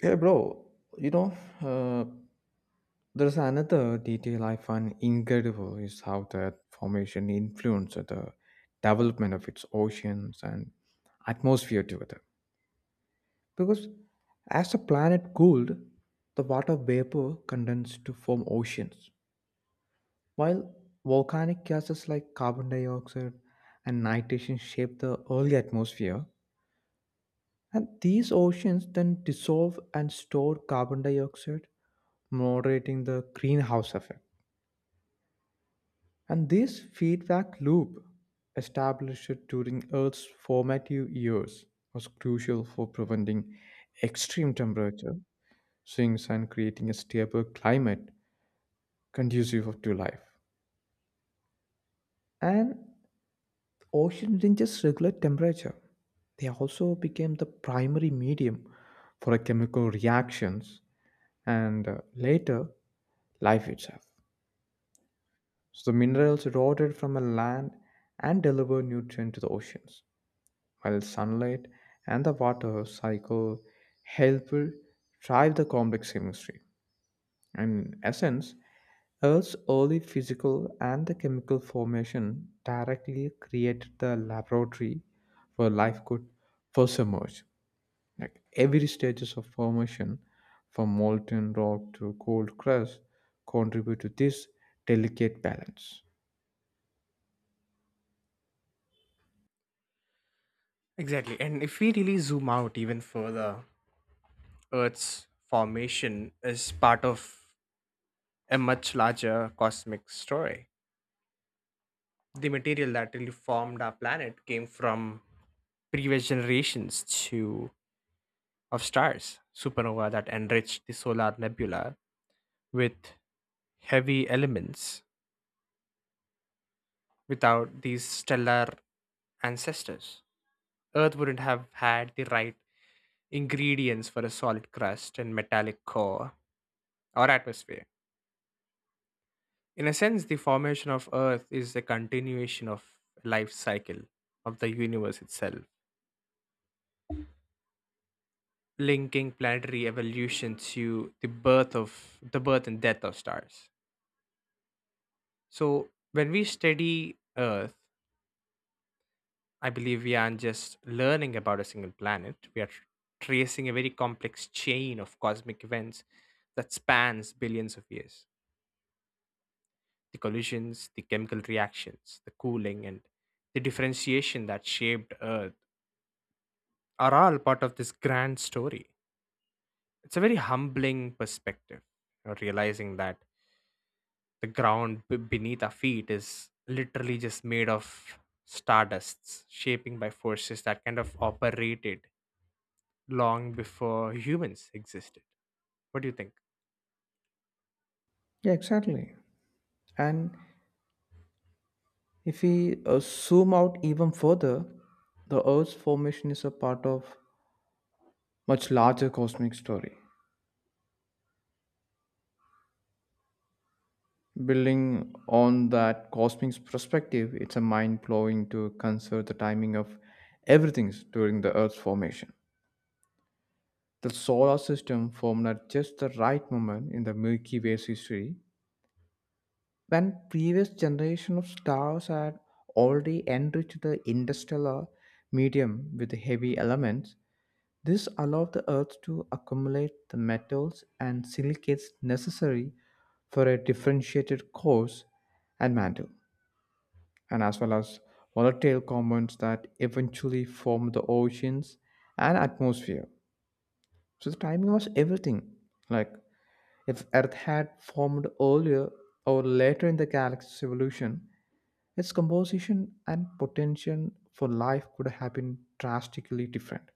Hey, bro, you know, uh, there's another detail I find incredible is how that formation influenced the development of its oceans and atmosphere together. Because as the planet cooled, the water vapor condensed to form oceans, while volcanic gases like carbon dioxide and nitrogen shaped the early atmosphere. And these oceans then dissolve and store carbon dioxide, moderating the greenhouse effect. And this feedback loop, established during Earth's formative years, was crucial for preventing extreme temperature swings and creating a stable climate conducive to life. And oceans didn't just regulate temperature, they also became the primary medium for chemical reactions and later life itself. So the minerals eroded from the land and deliver nutrient to the oceans, while sunlight and the water cycle help drive the complex chemistry. And in essence, Earth's early physical and the chemical formation directly created the laboratory where life could first emerge. Like every stages of formation, from molten rock to cold crust, contribute to this delicate balance. Exactly. And if we really zoom out even further, Earth's formation is part of a much larger cosmic story. The material that really formed our planet came from previous generations to of stars, supernova that enriched the solar nebula with heavy elements. Without these stellar ancestors, Earth wouldn't have had the right ingredients for a solid crust and metallic core or atmosphere. In a sense, the formation of Earth is a continuation of life cycle of the universe itself, linking planetary evolution to the birth of the birth and death of stars. So when we study Earth, I believe we aren't just learning about a single planet. We are tracing a very complex chain of cosmic events that spans billions of years. The collisions, the chemical reactions, the cooling, and the differentiation that shaped Earth are all part of this grand story. It's a very humbling perspective, realizing that the ground beneath our feet is literally just made of stardusts shaping by forces that kind of operated long before humans existed. What do you think? Yeah, exactly. And if we zoom out even further, the Earth's formation is a part of much larger cosmic story. Building on that cosmic perspective, it's a mind blowing to consider the timing of everything during the Earth's formation. The solar system formed at just the right moment in the Milky Way's history, when previous generation of stars had already enriched the interstellar medium with heavy elements. This allowed the earth to accumulate the metals and silicates necessary for a differentiated cores and mantle, and as well as volatile compounds that eventually formed the oceans and atmosphere. So the timing was everything. Like if Earth had formed earlier or later in the galaxy's evolution, its composition and potential for life could have been drastically different.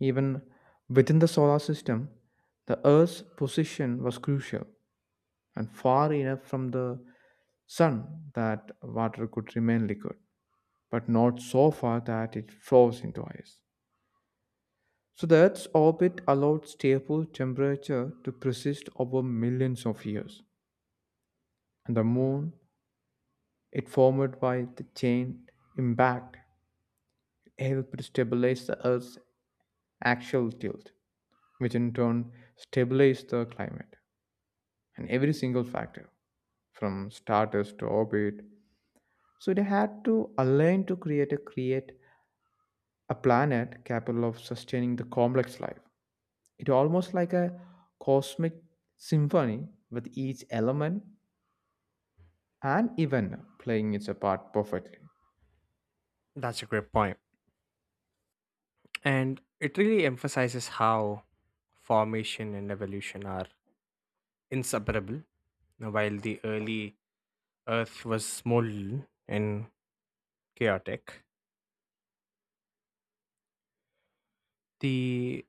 Even within the solar system, the Earth's position was crucial and far enough from the sun that water could remain liquid, but not so far that it froze into ice. So the Earth's orbit allowed stable temperature to persist over millions of years. And the moon, it formed by the chain impact, helped stabilize the Earth's axial tilt, which in turn stabilized the climate. And every single factor from status to orbit. So they had to align to create a planet capable of sustaining the complex life. It almost like a cosmic symphony with each element and even playing its part perfectly. That's a great point, and it really emphasizes how formation and evolution are inseparable. Now, while the early earth was small and chaotic, the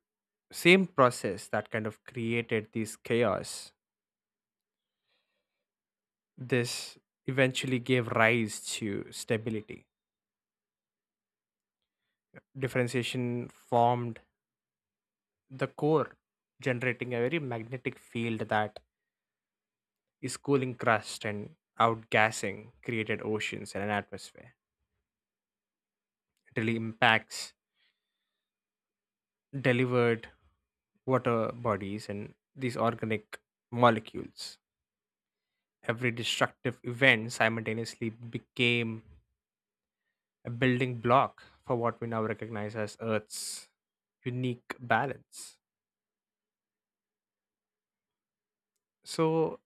same process that kind of created this chaos this eventually gave rise to stability. Differentiation formed the core, generating a very magnetic field that is cooling crust, and outgassing created oceans and an atmosphere. It really impacts, delivered water bodies and these organic molecules. Every destructive event simultaneously became a building block for what we now recognize as Earth's unique balance. So,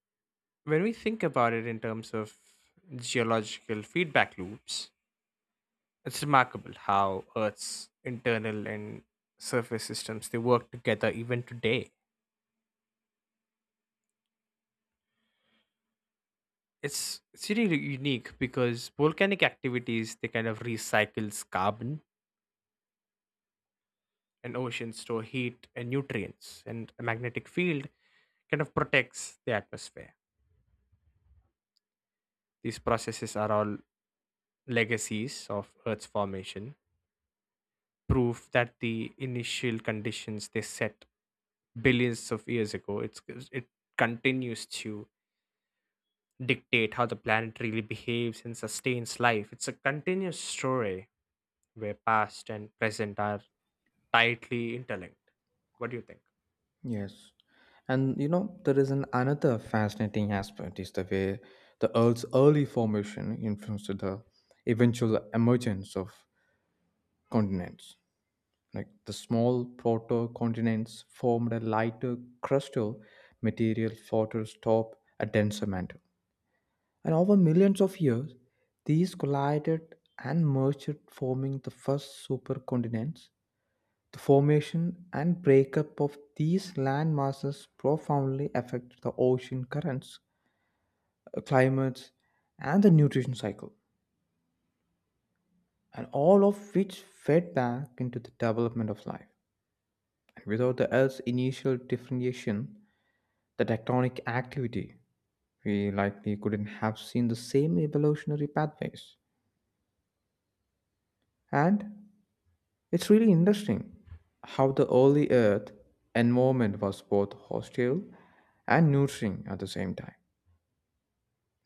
when we think about it in terms of geological feedback loops, it's remarkable how Earth's internal and surface systems they work together even today. It's really unique because volcanic activities they kind of recycles carbon, and oceans store heat and nutrients, and a magnetic field kind of protects the atmosphere. These processes are all legacies of Earth's formation, prove that the initial conditions they set billions of years ago, it's it continues to dictate how the planet really behaves and sustains life. It's a continuous story where past and present are tightly interlinked. What do you think? Yes. And you know, there is an another fascinating aspect is the way the Earth's early formation influenced the eventual emergence of continents. Like the small protocontinents formed a lighter crustal material fought atop a denser mantle. And over millions of years, these collided and merged, forming the first supercontinents. The formation and breakup of these land masses profoundly affect the ocean currents, climates, and the nutrition cycle, and all of which fed back into the development of life. And without the Earth's initial differentiation, the tectonic activity, we likely couldn't have seen the same evolutionary pathways. And it's really interesting how the early Earth environment was both hostile and nurturing at the same time,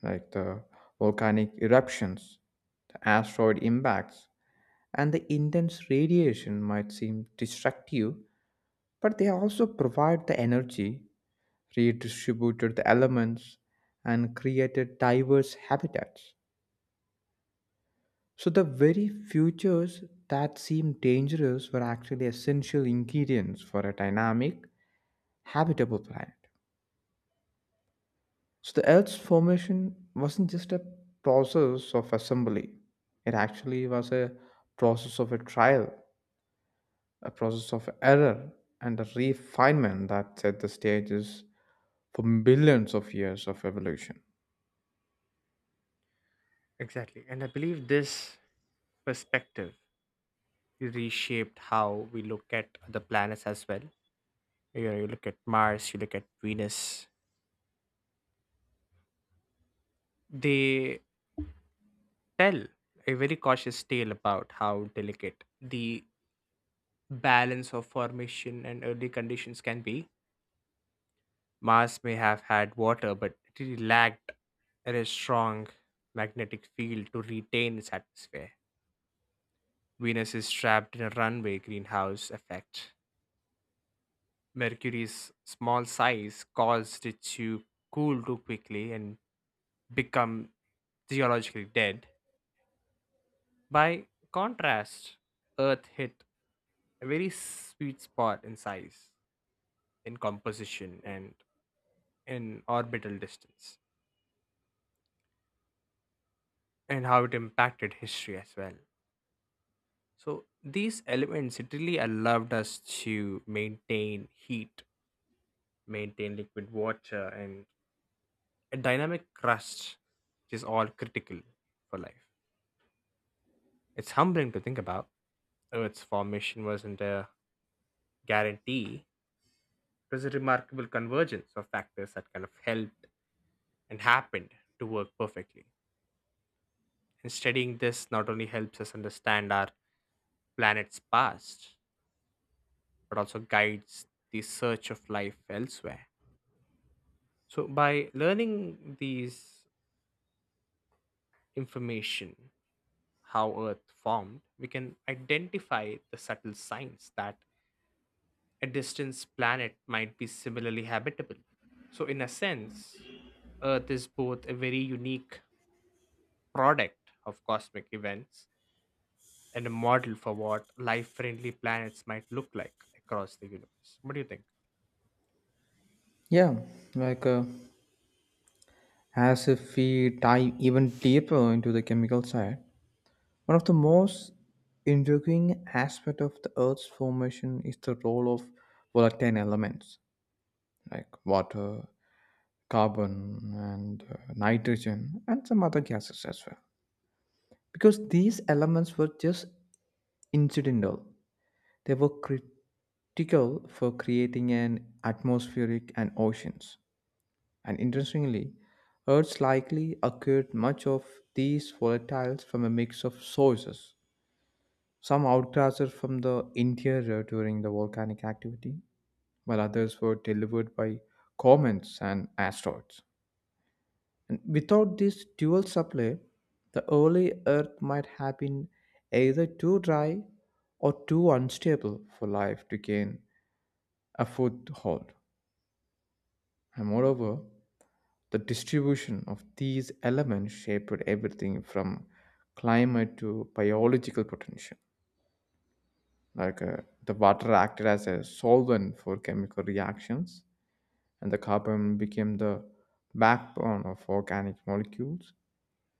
like the volcanic eruptions, the asteroid impacts, and the intense radiation might seem destructive, but they also provide the energy, redistributed the elements, and created diverse habitats. So the very futures that seemed dangerous were actually essential ingredients for a dynamic, habitable planet. So the Earth's formation wasn't just a process of assembly. It actually was a process of a trial, a process of error, and a refinement that set the stages for billions of years of evolution. Exactly. And I believe this perspective reshaped how we look at the planets as well. You know, you look at Mars, you look at Venus. They tell a very cautious tale about how delicate the balance of formation and early conditions can be. Mars may have had water, but it really lacked a strong magnetic field to retain its atmosphere. Venus is trapped in a runaway greenhouse effect. Mercury's small size caused it to cool too quickly and become geologically dead. By contrast, Earth hit a very sweet spot in size, in composition, and in orbital distance, and how it impacted history as well. So these elements it really allowed us to maintain heat, maintain liquid water, and a dynamic crust, which is all critical for life. It's humbling to think about. Earth's formation wasn't a guarantee. It was a remarkable convergence of factors that kind of helped and happened to work perfectly. And studying this not only helps us understand our planet's past, but also guides the search of life elsewhere. So, by learning these information, how Earth formed, we can identify the subtle signs that a distant planet might be similarly habitable. So, in a sense, Earth is both a very unique product of cosmic events and a model for what life friendly planets might look like across the universe. What do you think? Yeah, like as if we dive even deeper into the chemical side, one of the most intriguing aspects of the Earth's formation is the role of volatile elements like water, carbon, and nitrogen, and some other gases as well. Because these elements were just incidental, they were critical for creating an atmospheric and oceans. And interestingly, Earth's likely occurred much of these volatiles from a mix of sources. Some outclassed from the interior during the volcanic activity, while others were delivered by comets and asteroids. And without this dual supply, the early Earth might have been either too dry or too unstable for life to gain a foothold. And moreover, the distribution of these elements shaped everything from climate to biological potential. Like the water acted as a solvent for chemical reactions, and the carbon became the backbone of organic molecules,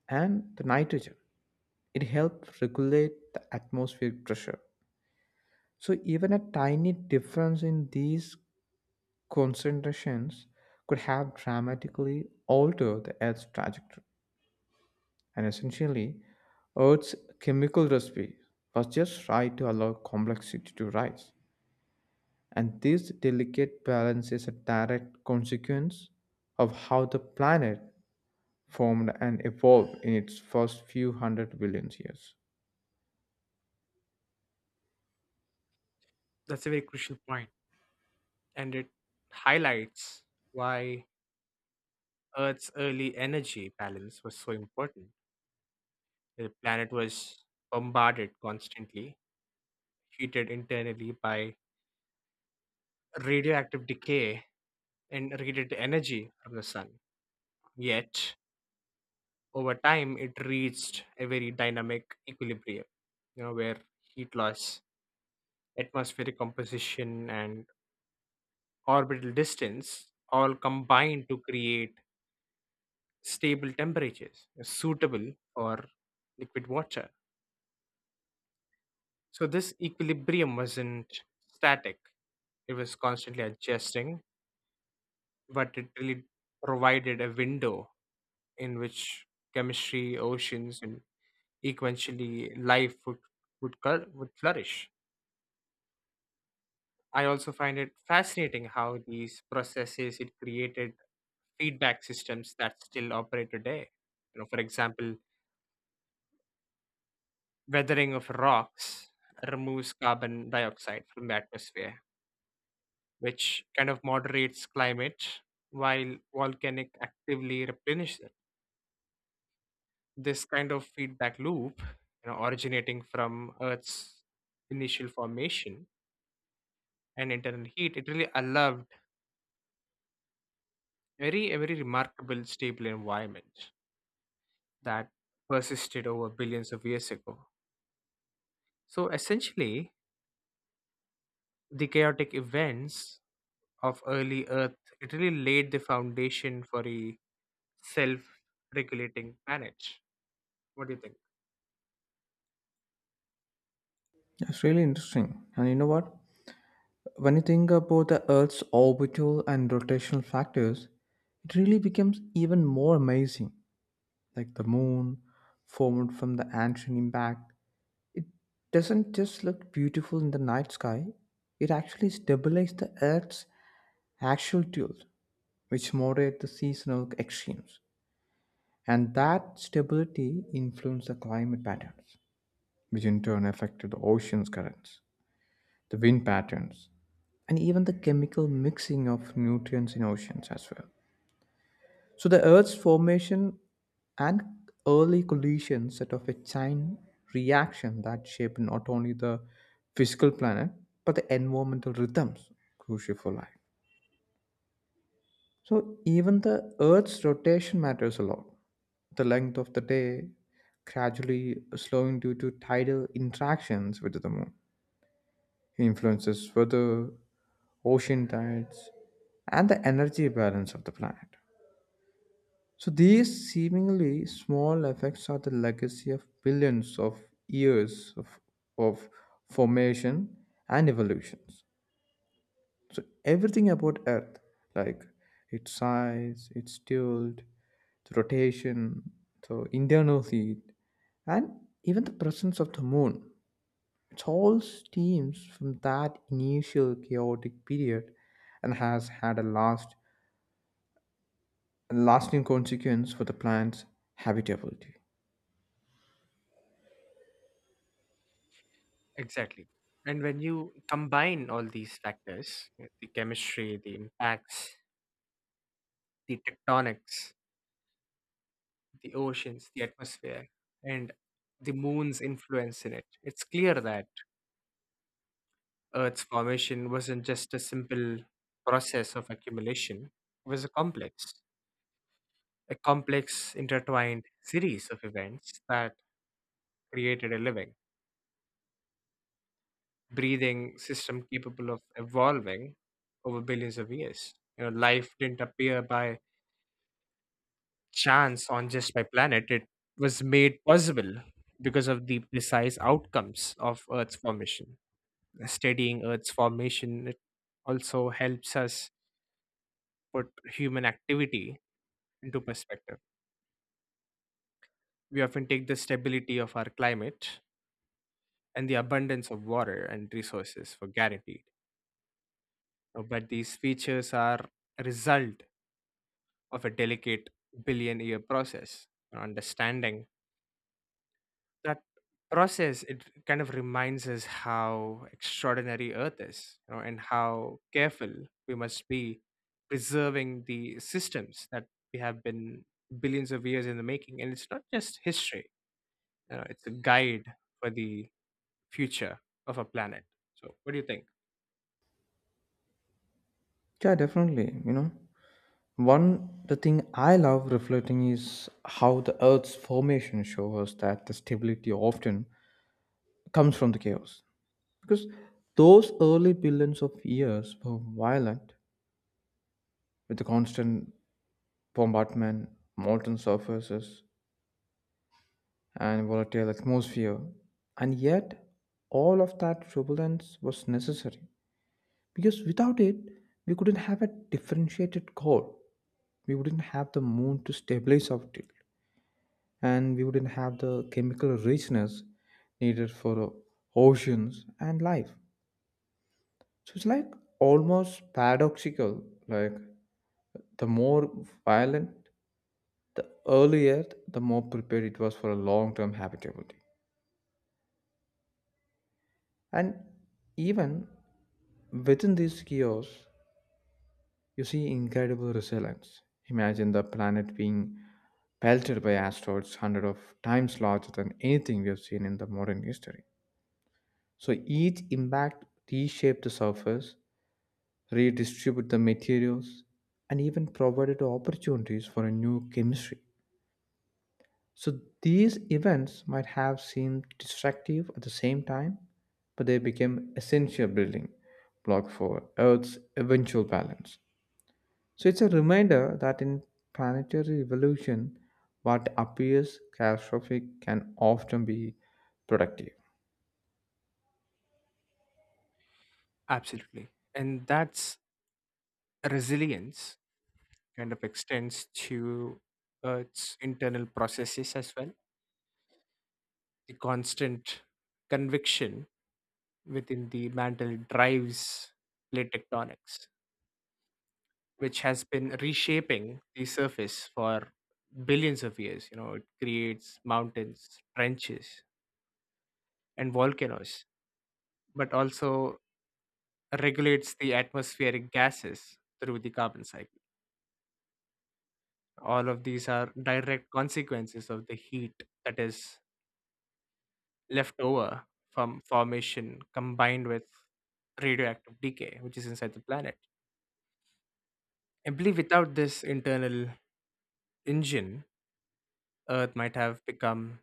and the nitrogen. It helped regulate the atmospheric pressure. So, even a tiny difference in these concentrations could have dramatically altered the Earth's trajectory. And essentially, Earth's chemical recipe was just right to allow complexity to rise. And this delicate balance is a direct consequence of how the planet formed and evolved in its first few 100 billion years. That's a very crucial point, and it highlights why Earth's early energy balance was so important. The planet was bombarded constantly, heated internally by radioactive decay, and radiated energy from the sun. Yet, over time, it reached a very dynamic equilibrium, you know, where heat loss, atmospheric composition, and orbital distance all combined to create stable temperatures suitable for liquid water. So this equilibrium wasn't static. It was constantly adjusting, but it really provided a window in which chemistry, oceans, and eventually life would flourish. I also find it fascinating how these processes it created feedback systems that still operate today. You know, for example, weathering of rocks removes carbon dioxide from the atmosphere, which kind of moderates climate while volcanic actively replenish it. This kind of feedback loop, you know, originating from Earth's initial formation and internal heat, it really allowed very a very remarkable stable environment that persisted over billions of years ago. So essentially, the chaotic events of early Earth, it really laid the foundation for a self-regulating planet. What do you think? That's really interesting. And you know what? When you think about the Earth's orbital and rotational factors, it really becomes even more amazing. Like the moon, formed from the ancient impact, doesn't just look beautiful in the night sky, it actually stabilizes the Earth's actual tilt, which moderate the seasonal extremes. And that stability influenced the climate patterns, which in turn affected the ocean's currents, the wind patterns, and even the chemical mixing of nutrients in oceans as well. So the Earth's formation and early collisions set off a chain reaction that shaped not only the physical planet, but the environmental rhythms crucial for life. So even the Earth's rotation matters a lot. The length of the day gradually slowing due to tidal interactions with the moon influences weather, ocean tides, and the energy balance of the planet. So these seemingly small effects are the legacy of billions of years of formation and evolutions. So everything about Earth, like its size, its tilt, its rotation, so internal heat, and even the presence of the moon, it all stems from that initial chaotic period and has had a lasting consequence for the planet's habitability. Exactly. And when you combine all these factors, you know, the chemistry, the impacts, the tectonics, the oceans, the atmosphere, and the moon's influence in it, it's clear that Earth's formation wasn't just a simple process of accumulation, it was a complex intertwined series of events that created a living, breathing system capable of evolving over billions of years. You know, life didn't appear by chance on just my planet. It was made possible because of the precise outcomes of Earth's formation. Studying Earth's formation it also helps us put human activity into perspective. We often take the stability of our climate and the abundance of water and resources for guaranteed. But these features are a result of a delicate billion year process. Understanding that process, it kind of reminds us how extraordinary Earth is, you know, and how careful we must be preserving the systems that we have been billions of years in the making. And it's not just history, you know, it's a guide for the future of our planet. So, what do you think? Yeah, definitely. You know, one the thing I love reflecting is how the Earth's formation shows us that the stability often comes from the chaos. Because those early billions of years were violent, with the constant bombardment, molten surfaces, and volatile atmosphere. And yet, all of that turbulence was necessary. Because without it, we couldn't have a differentiated core. We wouldn't have the moon to stabilize our tilt. And we wouldn't have the chemical richness needed for oceans and life. So it's like almost paradoxical, like the more violent, the earlier, the more prepared it was for a long term habitability. And even within these chaos, you see incredible resilience. Imagine the planet being pelted by asteroids hundred of times larger than anything we have seen in the modern history. So each impact reshaped the surface, redistributed the materials, and even provided opportunities for a new chemistry. So these events might have seemed destructive at the same time, but they became essential building block for Earth's eventual balance. So it's a reminder that in planetary evolution, what appears catastrophic can often be productive. Absolutely. And that's resilience kind of extends to its internal processes as well. The constant conviction within the mantle drives plate tectonics, which has been reshaping the surface for billions of years. You know, it creates mountains, trenches, and volcanoes, but also regulates the atmospheric gases through the carbon cycle. All of these are direct consequences of the heat that is left over from formation combined with radioactive decay, which is inside the planet. I believe without this internal engine, Earth might have become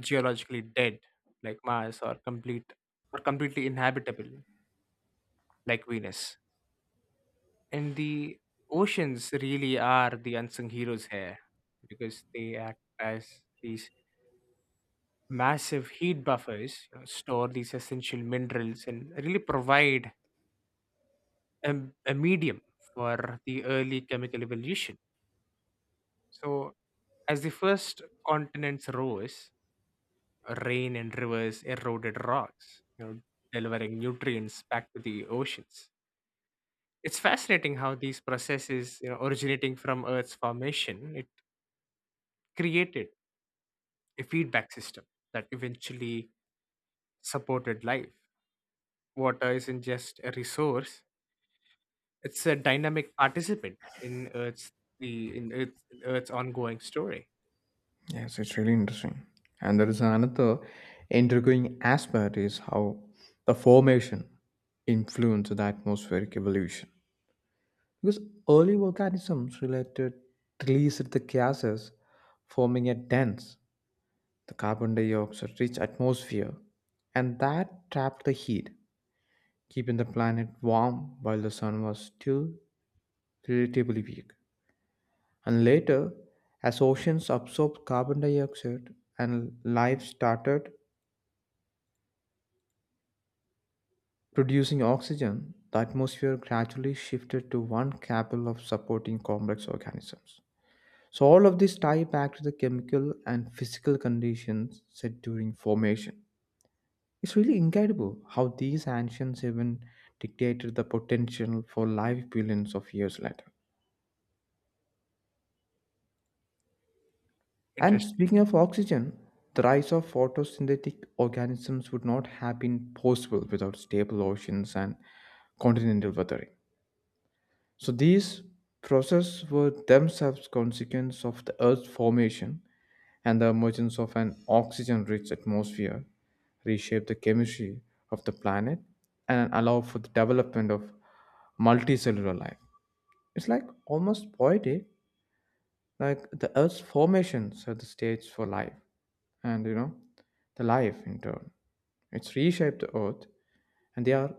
geologically dead, like Mars, or completely inhabitable, like Venus. And the oceans really are the unsung heroes here, because they act as these massive heat buffers, you know, store these essential minerals, and really provide a, a medium for the early chemical evolution. So, as the first continents rose, rain and rivers eroded rocks, you know, delivering nutrients back to the oceans. It's fascinating how these processes, you know, originating from Earth's formation, it created a feedback system that eventually supported life. Water isn't just a resource; it's a dynamic participant in Earth's the in Earth's, Earth's ongoing story. Yes, it's really interesting. And there is another intriguing aspect is how the formation influence the atmospheric evolution. Because early organisms related released the gases, forming a dense, the carbon dioxide rich atmosphere, and that trapped the heat, keeping the planet warm while the sun was still relatively weak. And later, as oceans absorbed carbon dioxide and life started producing oxygen, the atmosphere gradually shifted to one capable of supporting complex organisms. So all of this tie back to the chemical and physical conditions set during formation. It's really incredible how these ancients even dictated the potential for life billions of years later. And Interesting. speaking of oxygen, the rise of photosynthetic organisms would not have been possible without stable oceans and continental weathering. So these processes were themselves consequence of the Earth's formation and the emergence of an oxygen rich atmosphere reshape the chemistry of the planet and allow for the development of multicellular life. It's like almost poetic, like the Earth's formation set the stage for life, and you know, the life in turn. It's reshaped the Earth, and they are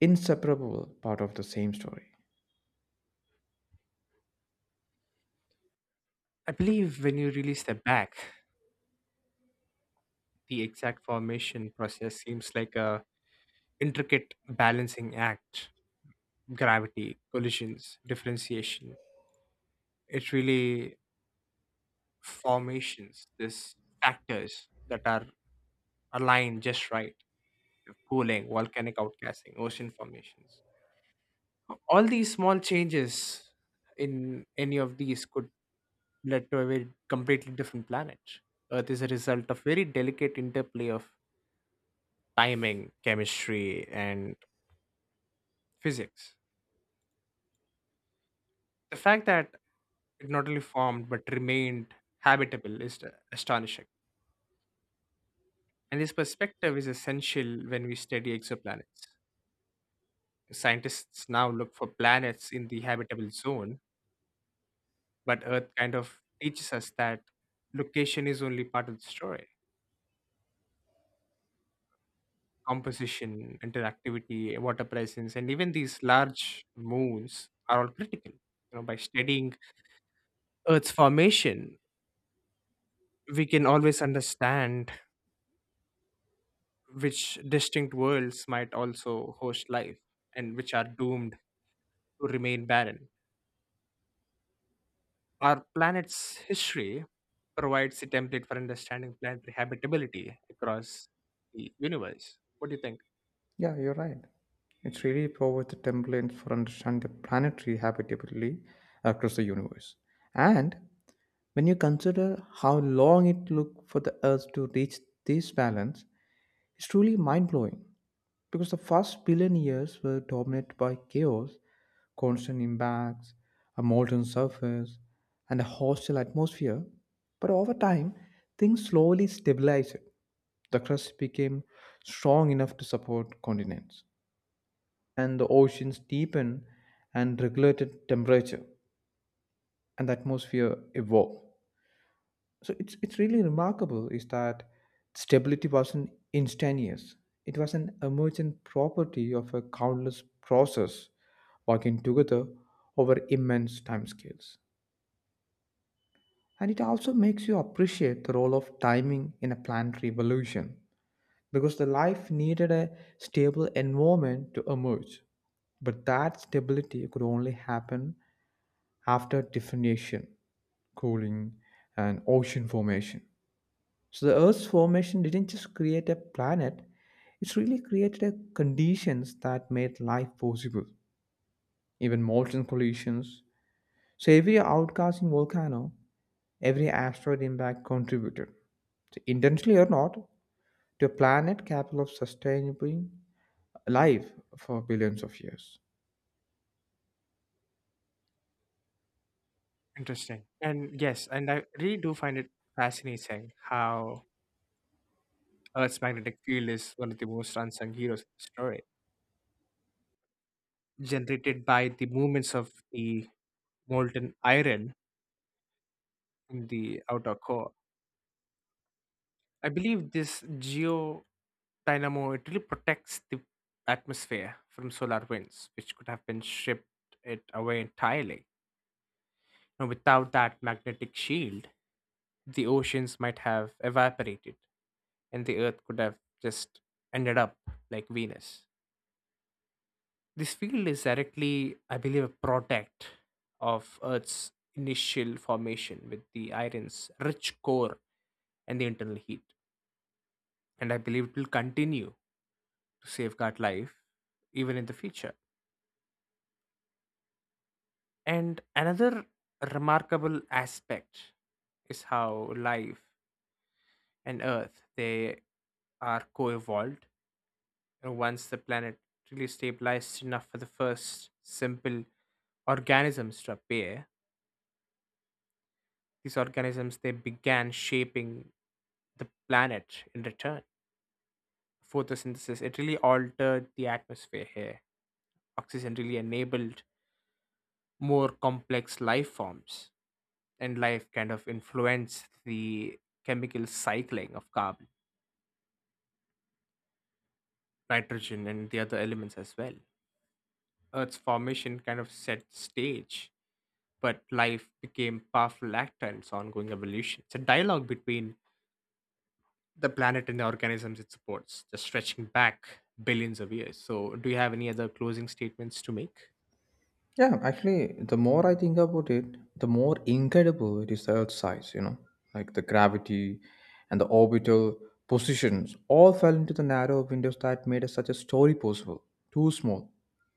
inseparable part of the same story. I believe when you really step back, the exact formation process seems like a intricate balancing act. Gravity, collisions, differentiation. It's really formations, these factors that are aligned just right. Cooling, volcanic outgassing, ocean formations. All these small changes in any of these could lead to a very completely different planet. Earth is a result of very delicate interplay of timing, chemistry, and physics. The fact that it not only formed but remained habitable is astonishing. And this perspective is essential when we study exoplanets. Scientists now look for planets in the habitable zone, but Earth kind of teaches us that location is only part of the story. Composition, interactivity, water presence, and even these large moons are all critical. You know, by studying Earth's formation, we can always understand which distinct worlds might also host life and which are doomed to remain barren. Our planet's history provides a template for understanding planetary habitability across the universe. What do you think? Yeah, you're right. It's really provides the template for understanding the planetary habitability across the universe. And when you consider how long it took for the Earth to reach this balance, it's truly mind blowing. Because the first billion years were dominated by chaos, constant impacts, a molten surface, and a hostile atmosphere. But over time, things slowly stabilized. The crust became strong enough to support continents, and the oceans deepened and regulated temperature, and the atmosphere evolved. So it's really remarkable is that stability wasn't instantaneous. It was an emergent property of a countless process working together over immense timescales. And it also makes you appreciate the role of timing in a planned revolution. Because the life needed a stable environment to emerge, but that stability could only happen after differentiation, cooling, and ocean formation. So the Earth's formation didn't just create a planet, it's really created a conditions that made life possible. Even molten collisions. So every outcasting volcano, every asteroid impact contributed, so intentionally or not, to a planet capable of sustaining life for billions of years. Interesting. And yes, and I really do find it fascinating how Earth's magnetic field is one of the most unsung heroes of the story, generated by the movements of the molten iron in the outer core. I believe this geo dynamo it really protects the atmosphere from solar winds, which could have been shipped it away entirely. Now, without that magnetic shield, the oceans might have evaporated, and the Earth could have just ended up like Venus. This field is directly, I believe, a product of Earth's initial formation with the iron's rich core and the internal heat, and I believe it will continue to safeguard life even in the future. And another remarkable aspect is how life and Earth they are co-evolved. And once the planet really stabilized enough for the first simple organisms to appear, these organisms they began shaping the planet in return. Photosynthesis it really altered the atmosphere here. Oxygen really enabled more complex life forms, and life kind of influence the chemical cycling of carbon, nitrogen, and the other elements as well. Earth's formation kind of set stage, but life became powerful actor in its ongoing evolution. It's a dialogue between the planet and the organisms it supports, just stretching back billions of years. So, do you have any other closing statements to make? Yeah, actually, the more I think about it, the more incredible it is the Earth's size, you know, like the gravity and the orbital positions all fell into the narrow windows that made such a story possible. Too small.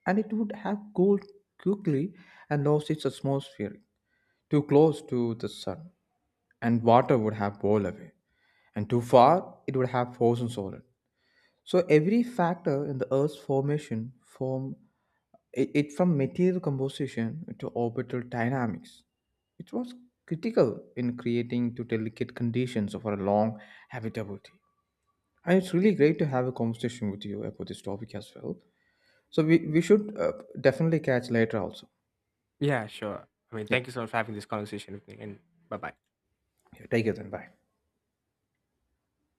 And it would have cooled quickly and lost its atmosphere. Too close to the sun, and water would have boiled away. And too far, it would have frozen solid. So every factor in the Earth's formation form it from material composition to orbital dynamics. It was critical in creating to delicate conditions for our long habitability. And it's really great to have a conversation with you about this topic as well. So we should definitely catch later also. Yeah, sure. I mean, Yeah. thank you so much for having this conversation with me, and bye bye. Yeah. Take it then. Bye.